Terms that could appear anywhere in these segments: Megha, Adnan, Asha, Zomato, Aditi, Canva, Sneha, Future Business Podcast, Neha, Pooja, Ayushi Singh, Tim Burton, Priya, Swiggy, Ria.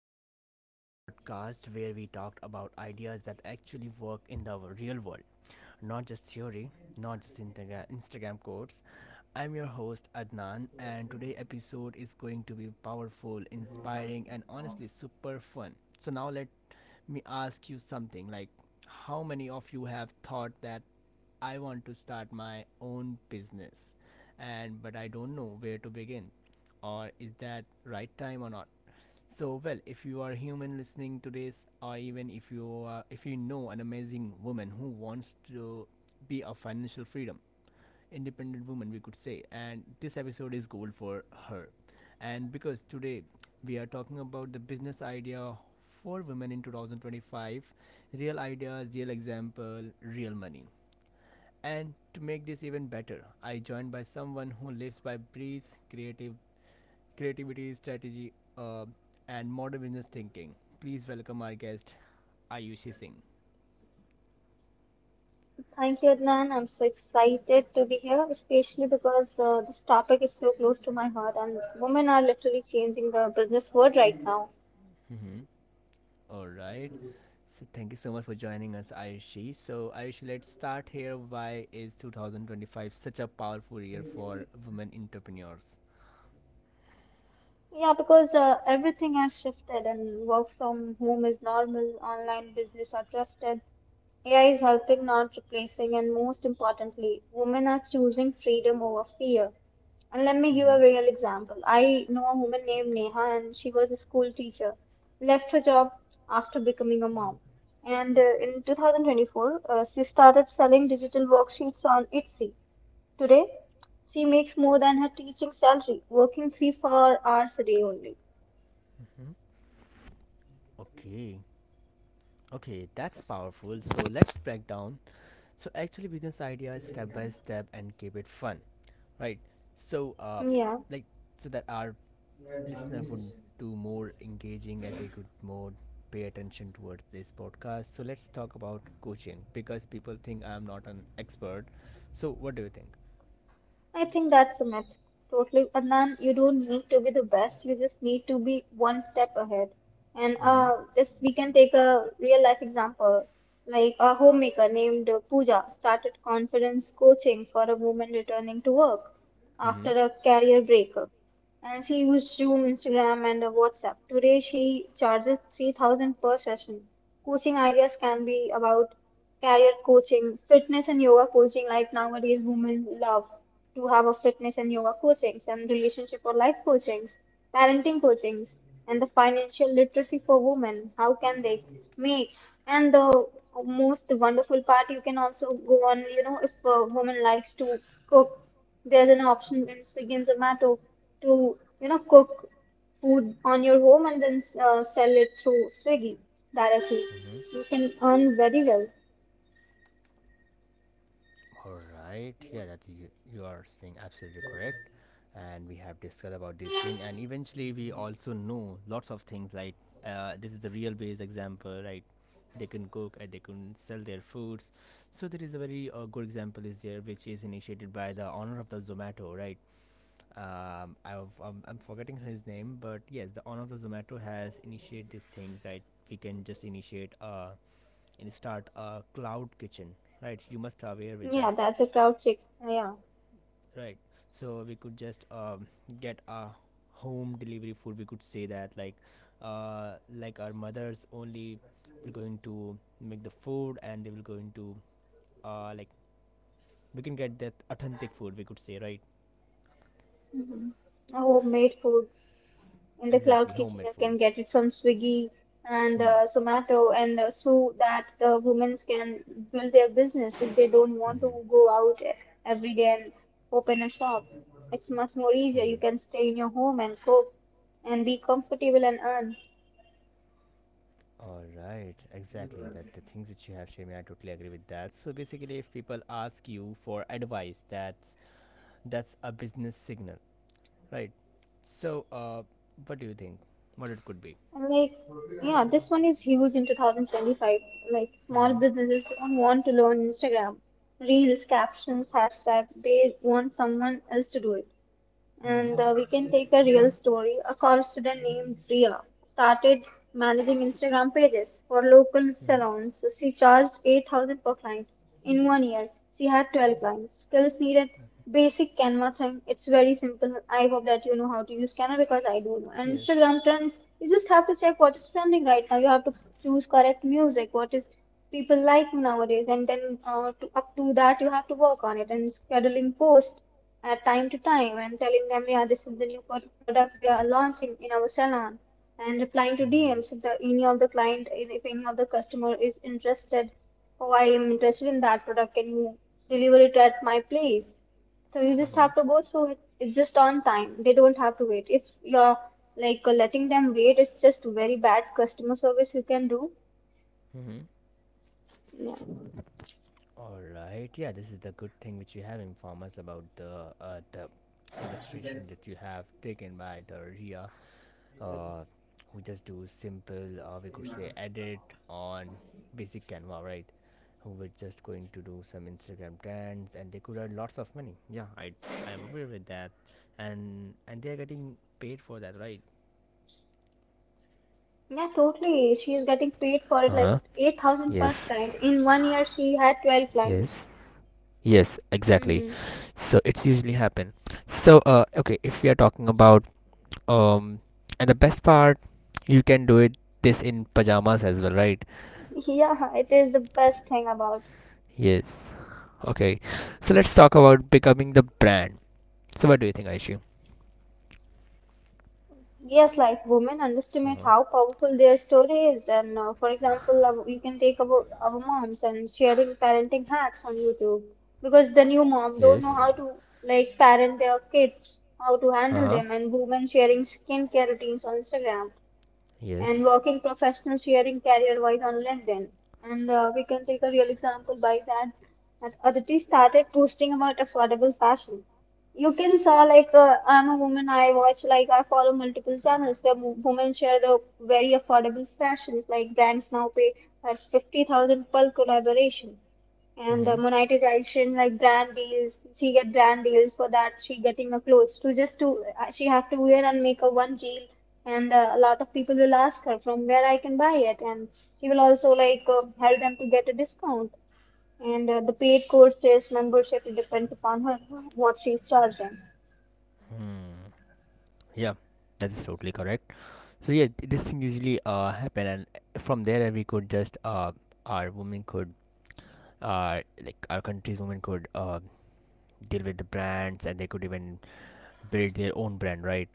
Future Business Podcast, where we talked about ideas that actually work in the real world, not just theory, not just Instagram quotes. I'm your host Adnan, and today episode is going to be powerful, inspiring, and honestly super fun. So now let me ask you something like how many of you have thought that I want to start my own business and but I don't know where to begin or is that right time or not so well, if you are human listening to this, or even if you know an amazing woman who wants to be a financial freedom, independent woman, we could say, and this episode is gold for her. And because today we are talking about the business idea for women in 2025, real ideas, real example, real money. And to make this even better, I joined by someone who lives by breathes creative creativity, strategy, uh, and modern business thinking. Please welcome our guest, Ayushi Singh. Thank you, Adnan. I'm so excited to be here, especially because this topic is so close to my heart, and women are literally changing the business world right now. Mhm. All right. So thank you so much for joining us, Ayushi. So Ayushi, let's start here. Why is 2025 such a powerful year for women entrepreneurs? Yeah, because everything has shifted and work from home is normal, online business are trusted, AI is helping, not replacing, and most importantly, women are choosing freedom over fear. And let me give a Mm-hmm. real example. I know a woman named Neha, and she was a school teacher, left her job after becoming a mom. And in 2024, she started selling digital worksheets on Etsy. Today, she makes more than her teaching salary, working three, 4 hours a day only. Mm-hmm. Okay. Okay, that's powerful. So let's break down. So actually, business idea is step by step and keep it fun, right? So, uh, Yeah, like so that our listener would do more engaging and they could more pay attention towards this podcast. So let's talk about coaching because people think I'm not an expert. So what do you think? I think that's a myth. Totally. Adnan, you don't need to be the best. You just need to be one step ahead. And Mm-hmm. uh, this we can take a real life example. Like a homemaker named Pooja started confidence coaching for a woman returning to work after Mm-hmm. a career breakup. And she used Zoom, Instagram, and WhatsApp. Today, she charges 3,000 per session. Coaching ideas can be about career coaching, fitness and yoga coaching, like nowadays women love to have a fitness and yoga coachings and relationship or life coachings, parenting coachings, and the financial literacy for women. How can they make? And the most wonderful part, you can also go on, you know, if a woman likes to cook there's an option in Swiggy and Zomato to, you know, cook food on your home and then sell it through Swiggy directly. Mm-hmm. You can earn very well. All right. Yeah, that you are saying absolutely correct. And we have discussed about this thing, and eventually we also know lots of things. Like this is the real base example, right? They can cook and they can sell their foods. So there is a very good example is there, which is initiated by the owner of the Zomato, right? I'm forgetting his name, but yes, the owner of the Zomato has initiated these things that we can just initiate and start a cloud kitchen, right? You must aware with Yeah, that that's a crowd chick. Yeah. right. So we could just get a home delivery food we could say that like our mothers only will going to make the food and they will going to like we can get that authentic food we could say, right? hmm Homemade food. In the cloud Exactly kitchen homemade you can food. get it from Swiggy and Hmm. uh, Zomato and through that the women can build their business if they don't want to Mm-hmm. go out every day and open a shop. It's much more easier. Mm-hmm. You can stay in your home and cook and be comfortable and earn. All right, exactly that the things which you have Shami, I totally agree with that. So basically if people ask you for advice, that's a business signal. Right. So, uh, what do you think? What it could be? And like yeah, this one is huge in 2025. Like small Mm-hmm. businesses don't want to learn Instagram reels, captions, hashtags. They want someone else to do it. Mm-hmm. And we can take a real story. A college student named Priya started managing Instagram pages for local Mm-hmm. salons. She charged 8,000 per client. In one year, she had 12 clients. Skills needed: basic Canva thing. It's very simple. I hope that you know how to use Canva because I do know. And Yes. Instagram trends, you just have to check what is trending right now. You have to choose correct music, what is people like nowadays, and then up to that, you have to work on it and scheduling posts at time to time and telling them, yeah, this is the new product we are launching in our salon and replying to Hmm. DMs. If the, any of the client, if any of the customer is interested, oh, I am interested in that product, can you deliver it at my place? So you just Mm-hmm. have to go through it. It's just on time. They don't have to wait. If you're like letting them wait, it's just very bad customer service you can do. Mm-hmm. Yeah. All right. Yeah, this is the good thing which you have informed us about the illustration that you have taken by the Ria, uh, who just do simple we could say edit on basic canva, right? Who were just going to do some instagram trends and they could earn lots of money. Yeah, I am aware with that. And they are getting paid for that, right? Yeah, totally. She is getting paid for it like Uh-huh. 8,000 per Yes. client. In one year, she had 12 clients. Yes. Yes, exactly. Hmm. So it's usually happen. So okay, if we are talking about um and the best part you can do it this in pajamas as well, right? Yeah, it is the best thing about. Yes. Okay, so let's talk about becoming the brand. So, what do you think, Aishu? Yes, like women underestimate Uh-huh. how powerful their story is. And for example, you can take about our moms and sharing parenting hacks on YouTube because the new mom don't know Yes. how to like parent their kids, how to Uh handle huh. them, and women sharing skincare routines on Instagram, and Yes. working professionals sharing career wise on LinkedIn. And we can take a real example by that. That Aditi started posting about affordable fashion. You can saw like I'm a woman. I watch like I follow multiple channels where women share the very affordable fashions. Like brands now pay at 50,000 per collaboration, and the Mm-hmm. monetization like brand deals, she get brand deals for that, she getting a clothes to just to she have to wear and make a one deal, and a lot of people will ask her from where I can buy it, and she will also like help them to get a discount, and the paid course is membership, it depends upon her what she's charging. Hmm. Yeah, that is totally correct. So yeah, this thing usually happen, and from there we could just our women could like our country's women could deal with the brands, and they could even build their own brand, right?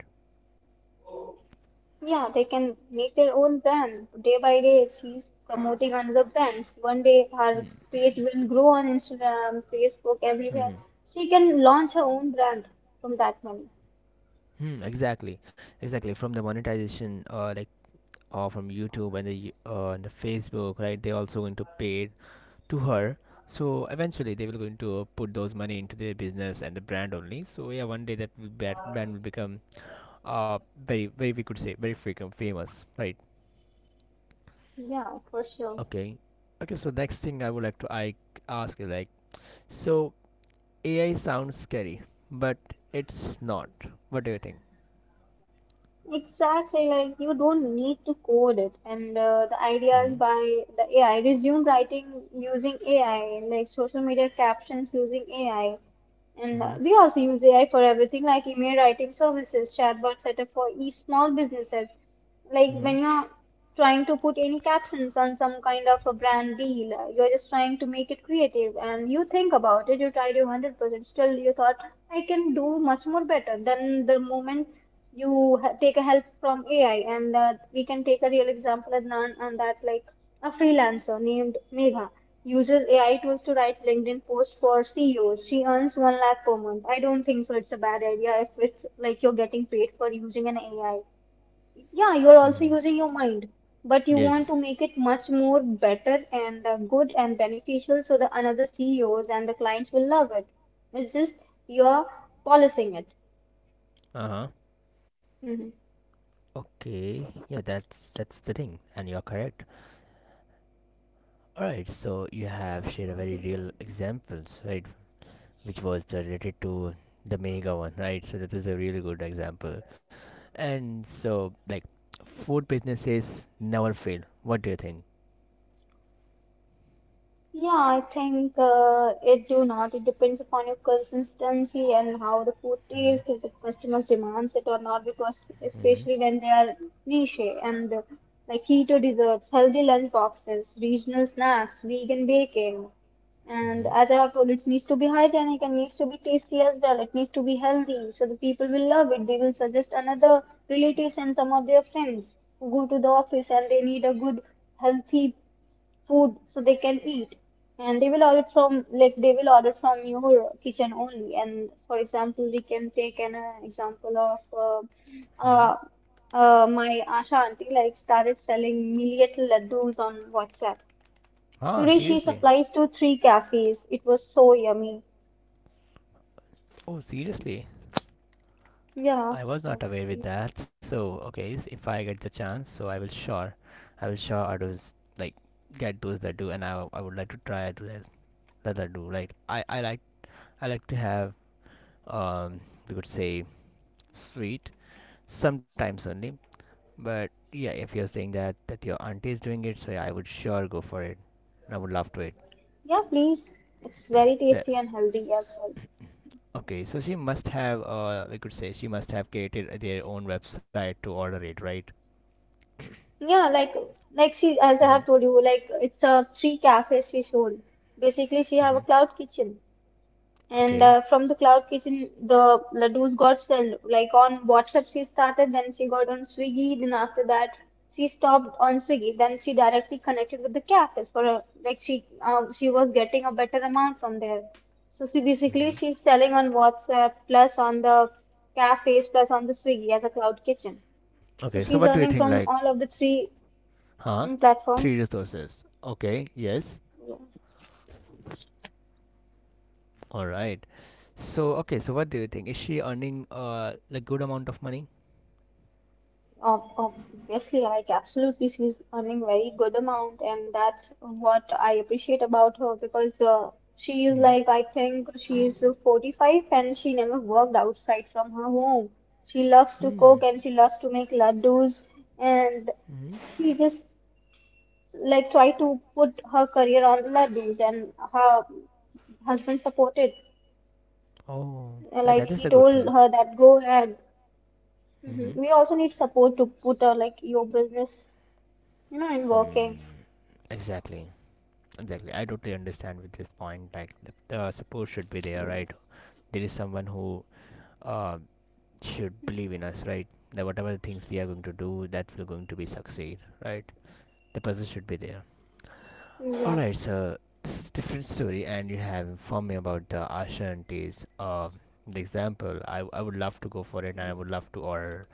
Yeah, they can make their own brand. Day by day, she's promoting another brand. One day, her Hmm. page will grow on Instagram, Facebook, everywhere. Hmm. She can launch her own brand from that money. Hmm. Exactly. Exactly. From the monetization, Or from YouTube and the Facebook, right? They're also going to pay to her. So eventually, they will going to put those money into their business and the brand only. So yeah, one day that will that brand will become uh very very we could say very freaking famous, right? Yeah, for sure. Okay, okay. So next thing I would like to I ask you like, so AI sounds scary, but it's not. What do you think? Exactly. Like you don't need to code it, and the ideas Mm-hmm. by the AI. Resume writing using AI, like social media captions using AI. And Mm-hmm. we also use AI for everything like email writing services, chatbot setup for e small businesses. Like Mm-hmm. when you're trying to put any captions on some kind of a brand deal, you're just trying to make it creative and you think about it, you tried your 100%, still you thought, I can do much more better. Then the moment you ha take a help from AI, and we can take a real example, Adnan, on that like a freelancer named Megha. Uses AI tools to write LinkedIn posts for CEOs. She earns one lakh per month. I don't think so. It's a bad idea if it's like you're getting paid for using an AI. Yeah, you're also Mm-hmm. using your mind, but you want to Yes. make it much more better and good and beneficial so that another CEOs and the clients will love it. It's just you're polishing it. Uh huh. Mhm. Okay, yeah, that's the thing, and you're correct. All right, so you have shared a very real examples, right, which was the related to the mega one, right? So that is a really good example. And so, like, food businesses never fail. What do you think? Yeah, I think it do not. It depends upon your consistency and how the food Hmm. tastes, if the customer demands it or not, because Hmm. especially when they are niche and like keto desserts, healthy lunch boxes, regional snacks, vegan baking. And Hmm. as I have told, it needs to be hygienic and needs to be tasty as well. It needs to be healthy. So the people will love it. They will suggest another relatives and some of their friends who go to the office and they need a good healthy food so they can eat, and they will order from, like they will order from your kitchen only. And for example, we can take an uh, example of uh, Hmm. uh, uh, my Asha auntie like started selling millet laddus on WhatsApp. Ah, Today she seriously? supplies to three cafes. It was so yummy. Oh, seriously? Yeah, I was that's not aware with sweet. that. So, okay, if I get the chance, so I will sure, I will sure I do s- like get those that do, and I would like to try to that I do. Right? I like to have um we could say sweet sometimes only. But yeah, if you're saying that your auntie is doing it, so yeah, I would sure go for it. I would love to it. Yeah, please. It's very tasty Yes. and healthy as well. Okay, so she must have we could say she must have created their own website to order it, right? Yeah, like she as I Mm-hmm. have told you, like it's a three cafes she showed. Basically, she have Mm-hmm. a cloud kitchen, and Okay. uh, from the cloud kitchen, the ladoos got sold. Like on WhatsApp, she started, then she got on Swiggy, then after that, she stopped on Swiggy. Then she directly connected with the cafes for a, like she was getting a better amount from there. So she basically Mm-hmm. she's selling on WhatsApp plus on the cafes plus on the Swiggy as a cloud kitchen. So Okay, so she's what do you earning think from like all of the three huh? Three platforms. resources. Okay, yes. Yeah. All right. So okay, so what do you think? Is she earning like good amount of money? ob- Obviously, like absolutely she's earning very good amount, and that's what I appreciate about her because she is Hmm. like I think she's 45 and she never worked outside from her home. She loves to Hmm. cook and she loves to make laddus, and Hmm. she just like try to put her career on the laddus, and her husband supported, Oh, that, like that is he a good told thing. her that go ahead. Mhm. Hmm. We also need support to put like your business, you know, in Hmm. working. Exactly. Exactly. I totally understand with this point. Like the support should be there, right? There is someone who uh should believe in us, right? That whatever things we are going to do, that will going to be succeed, right? The person should be there. Yes. Alright, so this is a different story, and you have informed me about the alternatives. The example, I would love to go for it, and I would love to order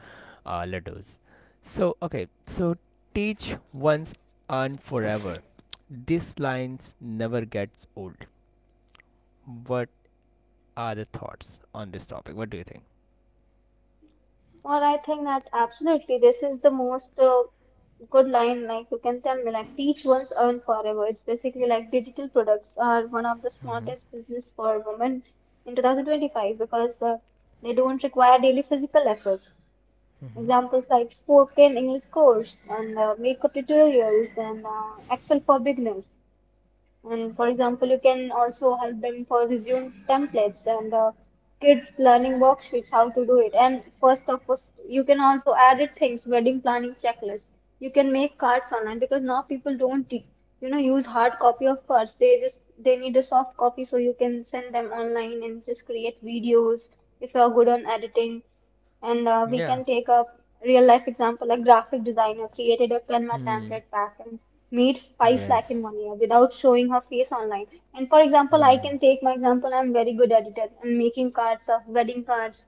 laddus. So, okay, so teach once and forever. These lines never gets old. What are the thoughts on this topic? What do you think? Well, I think that absolutely this is the most good line. Like you can tell me, like teach once, earn forever. It's basically like digital products are one of the Mm-hmm, smartest business for women in 2025 because they don't require daily physical effort. mm-hmm. Examples like spoken English course and makeup tutorials and Excel for beginners. And for example, you can also help them for resume templates and kids learning worksheets, how to do it. And first of all, you can also add it things, wedding planning checklist. You can make cards online because now people don't, you know, use hard copy of cards. They just they need a soft copy, so you can send them online and just create videos if you are good on editing. And we can Yeah. take a real life example. A graphic designer created a Canva Hmm. template pack and made 5 lakh in Yes. one year without showing her face online. And for example, I Hmm. can take my example. I'm very good at it and making cards of wedding cards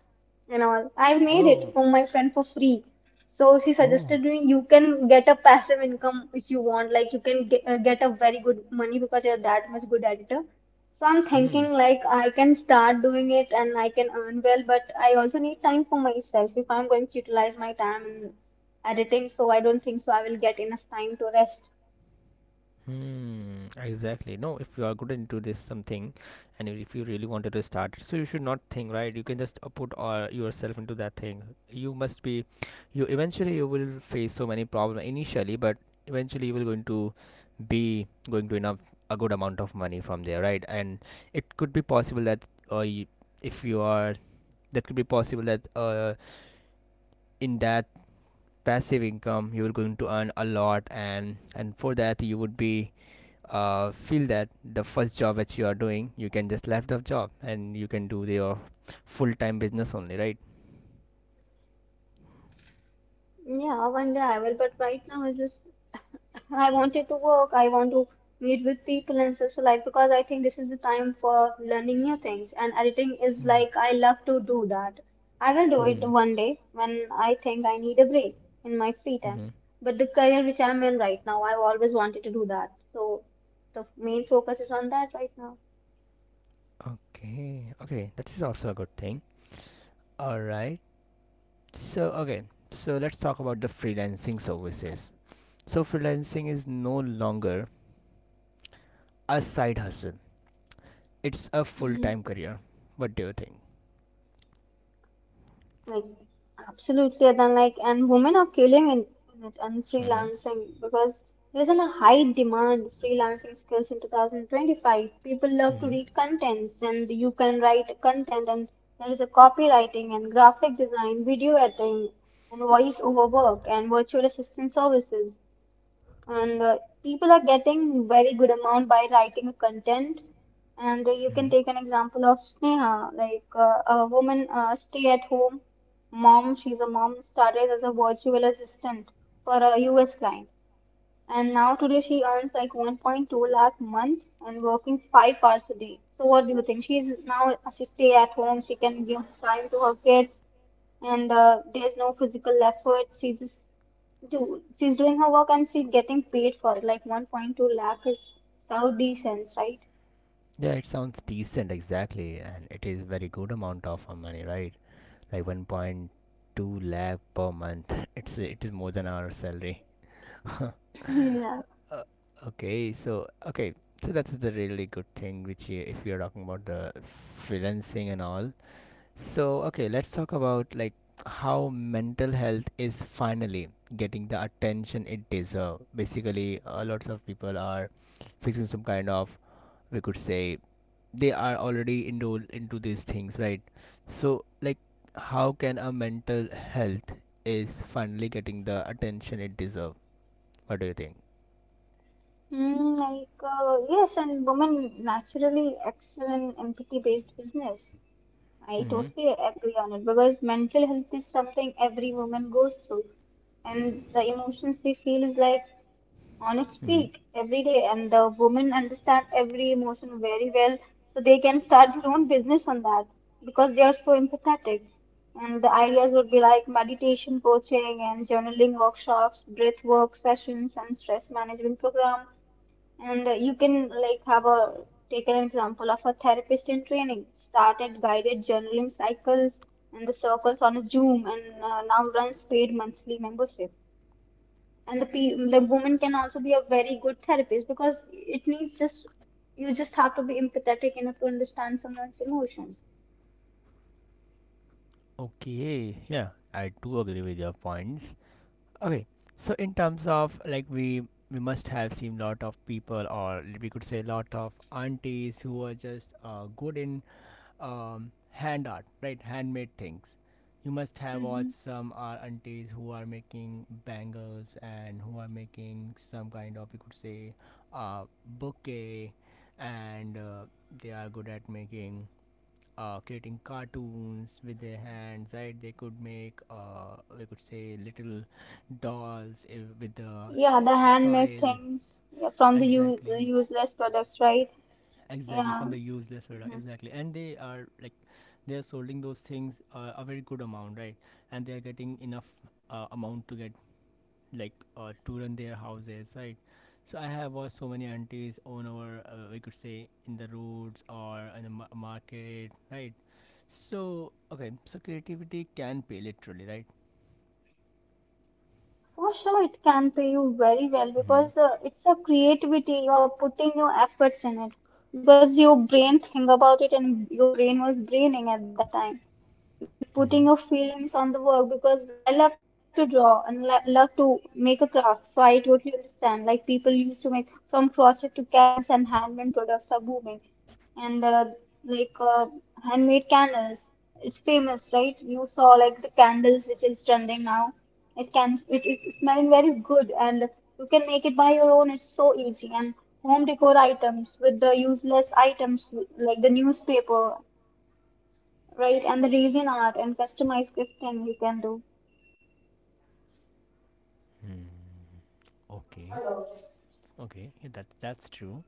and all. I made it Oh. from my friend for free. So she Oh. suggested me you can get a passive income if you want. Like you can get a very good money because you're that much good editor. So I'm Hmm. thinking like I can start doing it and I can earn well, but I also need time for myself if I'm going to utilize my time in editing. So I don't think so I will get enough time to rest. Hmm, exactly. No, if you are good into this something and if you really wanted to start it, so you should not think, right? You can just put yourself into that thing. You must be, you eventually you will face so many problems initially, but eventually you will going to be going to enough a good amount of money from there, right? And it could be possible that uh, y- if you are, that could be possible that in that passive income you are going to earn a lot, and for that you would be feel that the first job that you are doing you can just left the job and you can do your full-time business only, right? Yeah, one day I will, but right now I just I wanted to work. I want to meet with people and socialize because I think this is the time for learning new things. And editing is like I love to do that. I will do it Mm-hmm. one day when I think I need a break in my free time. Mm-hmm. But the career which I'm in right now, I've always wanted to do that. So the main focus is on that right now. Okay, okay, that is also a good thing. All right, so okay, so let's talk about the freelancing services. So freelancing is no longer a side hustle, it's a full-time career. What do you think? Like absolutely, then like and women are killing in it and Mm-hmm. freelancing because there's a high demand freelancing skills in 2025. People love to Mm-hmm. read contents and you can write content and there is a copywriting and graphic design, video editing and voice over work and virtual assistant services and people are getting very good amount by writing a content and you can Mm-hmm. take an example of Sneha like a woman stay at home mom, she's a mom, started as a virtual assistant for a US client, and now today she earns like 1.2 lakh month and working 5 hours a day. So what do you think? She stay at home. She can give time to her kids, and there's no physical effort. She just do She's doing her work and she's getting paid for it. Like 1.2 lakh is Saudi cents, right? Yeah, it sounds decent exactly, and it is very good amount of money, right? Like 1.2 lakh per month. It's it is more than our salary. Yeah. Uh, okay, so okay, so that is the really good thing which you, if you're talking about the freelancing and all. So okay, let's talk about like how mental health is finally getting the attention it deserves. Basically, lots of people are fixing some kind of we could say they are already enrolled into these things, right? So like how can a mental health is finally getting the attention it deserves? What do you think? Mm, like yes, and women naturally excel in empathy-based business. I Hmm. totally agree on it because mental health is something every woman goes through, and the emotions we feel is like on its Hmm. peak every day. And the women understand every emotion very well, so they can start their own business on that because they are so empathetic. And the ideas would be like meditation coaching and journaling workshops, breath work sessions, and stress management program. And you can like have a Take an example of a therapist in training, started guided journaling cycles and the circles on a Zoom, and now runs paid monthly membership. And the woman can also be a very good therapist because it needs just you just have to be empathetic enough to understand someone's emotions. Okay, yeah, I do agree with your points. Okay, so in terms of like we must have seen lot of people or we could say lot of aunties who are just good in hand art, right? Handmade things. You must have Mm-hmm. watched some our aunties who are making bangles and who are making some kind of, you could say, bouquet, and they are good at making, creating cartoons with their hands, right? They could make, we could say, little dolls eh, with the Yeah, the handmade soil, things, yeah, from the exactly, useless products, right? exactly from Yeah. the useless product, Mm-hmm. exactly, and they are like they are selling those things a very good amount, right? And they are getting enough amount to get like to run their houses, right? So I have watched so many aunties on our we could say in the roads or in the market, right? So okay, so creativity can pay literally, right? For sure, it can pay you very well Mm-hmm. because it's a creativity. You're putting your efforts in it because your brain think about it and your brain was braining at that time. You're putting Mm-hmm. your feelings on the work because I love to draw and lo love to make a craft. So I totally understand. Like people used to make from crochet to candles and handmade products are booming and like uh, handmade candles. It's famous, right? You saw like the candles which is trending now. It is smelling very good, and you can make it by your own. It's so easy. And home decor items with the useless items like the newspaper, right? And the resin art and customized gifting you can do. Mm-hmm. Okay, okay, yeah, that's true.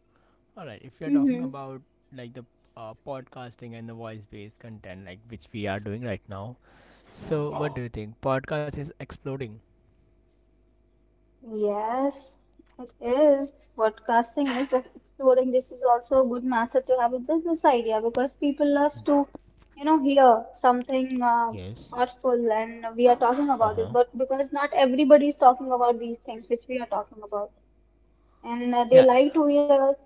All right, if you're talking Mm-hmm. about like the podcasting and the voice based content like which we are doing right now. So, what do you think? Podcast is exploding. Yes, it is. Podcasting is exploring. This is also a good method to have a business idea because people love to, you know, hear something Yes. thoughtful and we are talking Uh about it. huh. But because not everybody is talking about these things which we are talking about, and they Yeah. like to hear us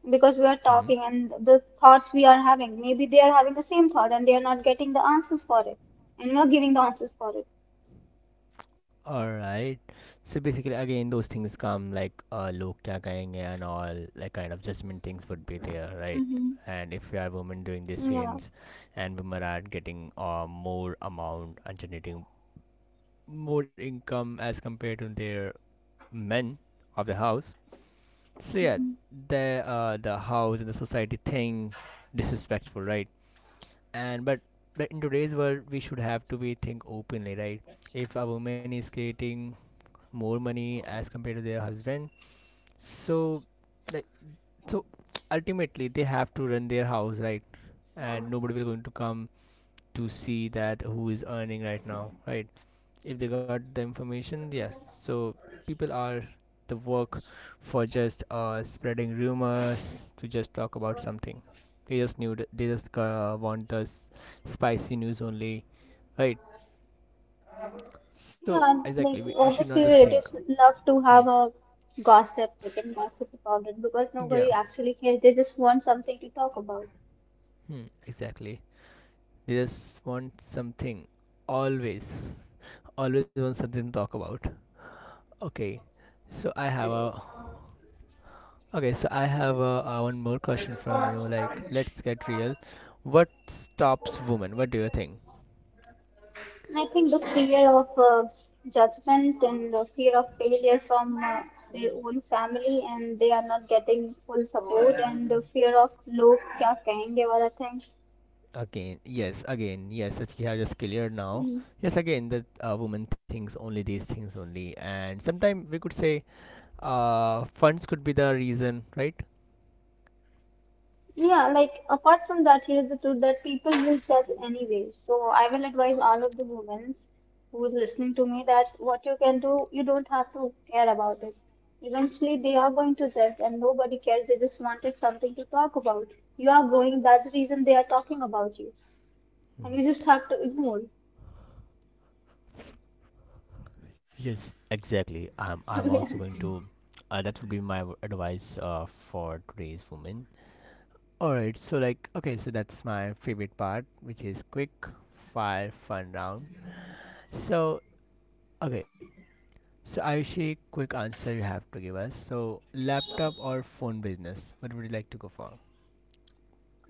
because we are Mm-hmm. talking and the thoughts we are having. Maybe they are having the same thought and they are not getting the answers for it, and we are giving the answers for it. All right. So basically, again, those things come like log kya kahenge and all, like kind of judgment things would be there, right? Mm-hmm. And if you are women doing these Yeah. things, and women are getting more amount and generating more income as compared to their men of the house. So yeah, the the house and the society thing disrespectful, right? and but in today's world we should have to be think openly, right? If a woman is creating more money as compared to their husband, so like so ultimately they have to run their house, right? And nobody will going to come to see that who is earning right now, right? If they got the information, yeah. So people are the work for just spreading rumors to just talk about something. They just want spicy news only, right? So Yeah, exactly, like we should not obviously just think. relatives love to Hmm. have a gossip. They can gossip about it because Yeah. nobody actually cares. They just want something to talk about. Hmm. Exactly, they just want something, always, always want something to talk about. Okay. so I have a Okay, so I have one more question from you. Like, let's get real. What stops women? What do you think? And I think the fear of judgment and the fear of failure from their own family and they are not getting full support and the fear of log क्या कहेंगे वाला thing. Again, yes, again, yes. It's yeah, just clear now. Mm. Yes, again, that woman thinks only these things only, and sometimes we could say, funds could be the reason, right? Yeah, like apart from that, here's the truth that people will judge anyway. So I will advise all of the women who's listening to me that what you can do, you don't have to care about it. Eventually, they are going to judge, and nobody cares. They just wanted something to talk about. You are growing. That's the reason they are talking about you, and you Mm. just have to ignore. Yes, exactly. I'm also Yeah, going to. That would be my advice for today's woman. All right. So like, okay, so that's my favorite part, which is quick fire fun round. So, okay. So, Ayushi, quick answer you have to give us. So, laptop or phone business? What would you like to go for?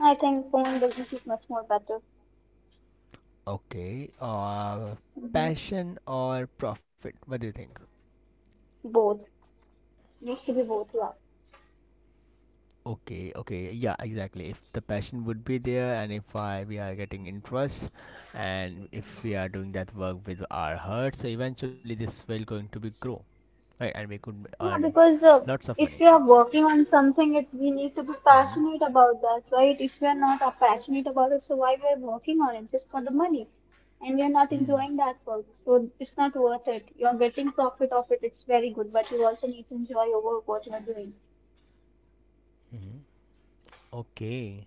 I think phone business is much more better. Okay. Passion or profit? What do you think? Both needs to be both. Yeah. Okay, okay. Yeah, exactly. If the passion would be there, and if we are getting interest and if we are doing that work with our heart, so eventually this will going to be grow, right? And we could Yeah, earn because lots of if money. you are working on something, it we need to be Mm-hmm. passionate about that, right? If we are not passionate about it, so why we are working on it just for the money, and we are not Mm-hmm. enjoying that work, so it's not worth it. You are getting profit of it; it's very good, but you also need to enjoy your work, what you are doing. Okay.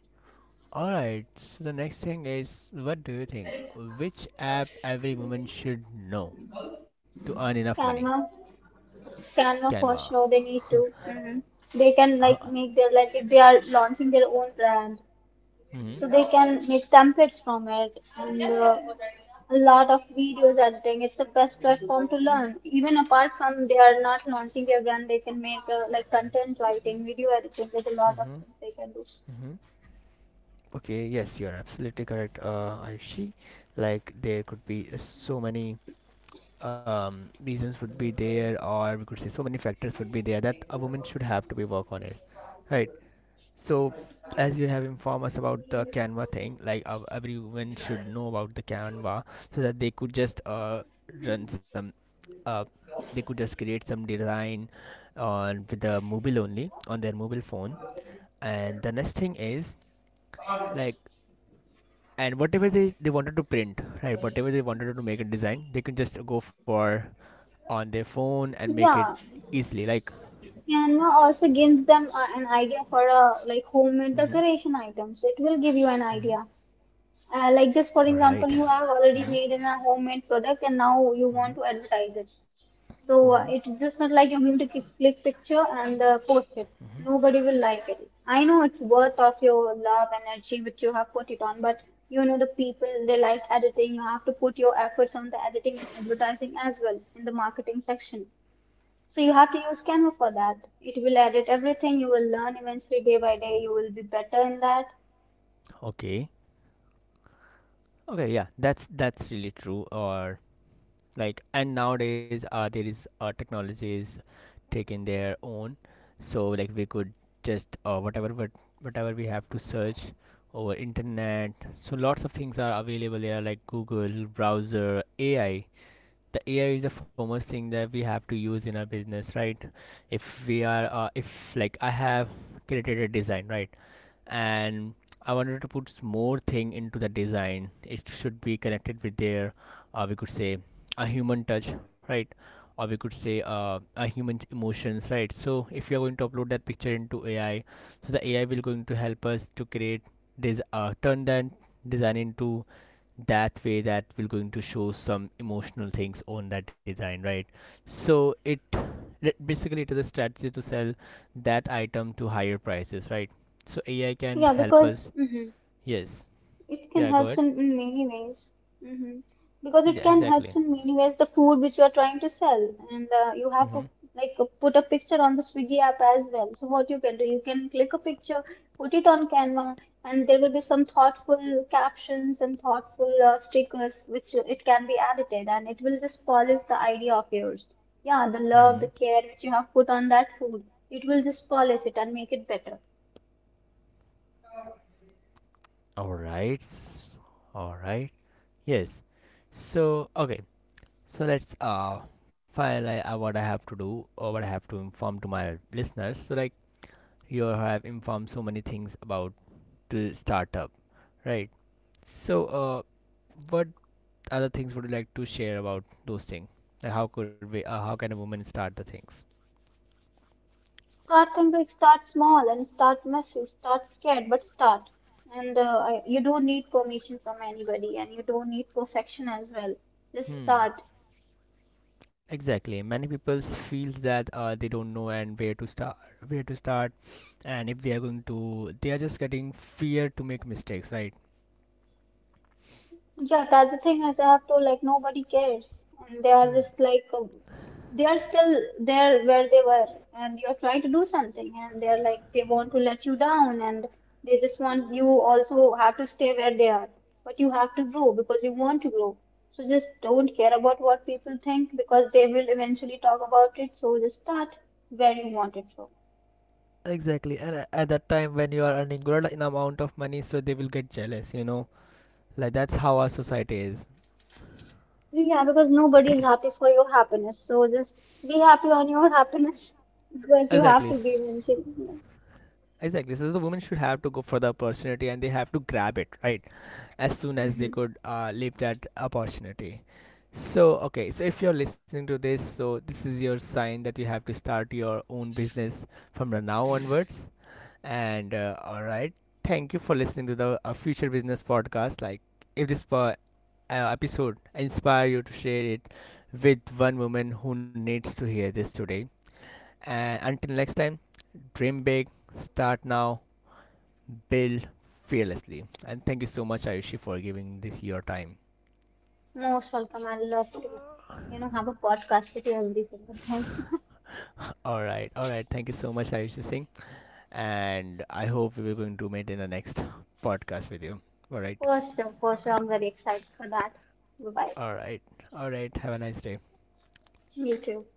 Alright, so the next thing is, what do you think? Which app every woman should know to earn enough money? Canva, Canva for Canva. sure, they need to. Hmm. They can like Huh. make their like if they are launching their own brand, Mm-hmm. so they can make templates from it and a lot of videos editing. It's the best platform to learn, even apart from they are not launching their brand. They can make like content writing, video editing. There's a lot of Mm-hmm. things they can do. Mm-hmm. Okay, yes, you're absolutely correct, Ayushi. Like, there could be so many reasons would be there, or we could say so many factors would be there that a woman should have to be work on it, right? So, as you have informed us about the Canva thing, like everyone should know about the Canva so that they could just run some, uh, they could just create some design on with the mobile only on their mobile phone. And the next thing is, like, and whatever they wanted to print, right? Whatever they wanted to make a design, they can just go for on their phone and make it Yeah, easily. Like, Canva also gives them an idea for a like homemade mm-hmm, decoration items. It will give you an mm-hmm. idea. Like just for All example, right. you have already Mm-hmm, made in a homemade product and now you want to advertise it. So mm-hmm. It's just not like you're going to click picture and post it. Nobody will like it. I know it's worth of your love energy which you have put it on, but you know the people they like editing. You have to put your efforts on the editing and advertising as well in the marketing section. So you have to use Canva for that. It will edit everything. You will learn eventually day by day. You will be better in that. Okay. Okay, yeah, that's really true. Or like, and nowadays, there is technology is taking their own, so like we could just whatever we have to search over internet. So lots of things are available here, like Google, browser, AI. The AI is the foremost thing that we have to use in our business, right? If we are, if like I have created a design, right? And I wanted to put more thing into the design. It should be connected with their, uh, we could say, a human touch, right? Or we could say a human emotions, right? So if you are going to upload that picture into AI, so the AI will going to help us to create turn that design into that way that we're going to show some emotional things on that design, right? So it it- basically it is a strategy to sell that item to higher prices, right? So AI can Yeah, help because us. mhm. Yes. It can Yeah, go help ahead. in many ways. Hmm. Because it Yeah, can help exactly. in many ways the food which you are trying to sell, and you Mm-hmm. have to like put a picture on the Swiggy app as well. So what you can do, you can click a picture, put it on Canva, and there will be some thoughtful captions and thoughtful stickers which it can be edited, and it will just polish the idea of yours. Yeah, the Mm-hmm. love, the care which you have put on that food, it will just polish it and make it better. all right s- all right. Yes. So okay so let's uh file I, uh, what I have to do, or what I have to inform to my listeners? So like, you have informed so many things about to startup, right? So, what other things would you like to share about those things? Like how could we? How can a woman start the things? Start simple, start small, and start messy, start scared, but start. And uh, you don't need permission from anybody, and you don't need perfection as well. Just Hmm. start. Exactly. Many people feels that they don't know and where to start, where to start, and if they are going to, they are just getting fear to make mistakes, right? Yeah, that's the thing is after like nobody cares, and they are Hmm. just like they are still there where they were, and you're trying to do something, and they're like they want to let you down, and they just want you also have to stay where they are, but you have to grow because you want to grow. So just don't care about what people think because they will eventually talk about it. So just start where you want it from. Exactly, and at that time when you are earning good in amount of money, so they will get jealous. You know, like that's how our society is. Yeah, because nobody is happy for your happiness. So just be happy on your happiness because you Exactly. have to be eventually. Exactly. So the women should have to go for the opportunity and they have to grab it, right? As soon as they Yeah. could leave that opportunity. So, okay. So if you're listening to this, so this is your sign that you have to start your own business from the now onwards. And all right. Thank you for listening to the Future Business Podcast. Like, if this episode inspire you to share it with one woman who needs to hear this today. And until next time, dream big, start now, build fearlessly. And thank you so much, Ayushi, for giving this your time. Most welcome. I love to, you know, have a podcast with you every single time. All right, all right. Thank you so much, Ayushi Singh. And I hope we are going to meet in the next podcast with you. All right, For sure, for sure. I'm very excited for that. Bye bye. all right, all right. Have a nice day. You too.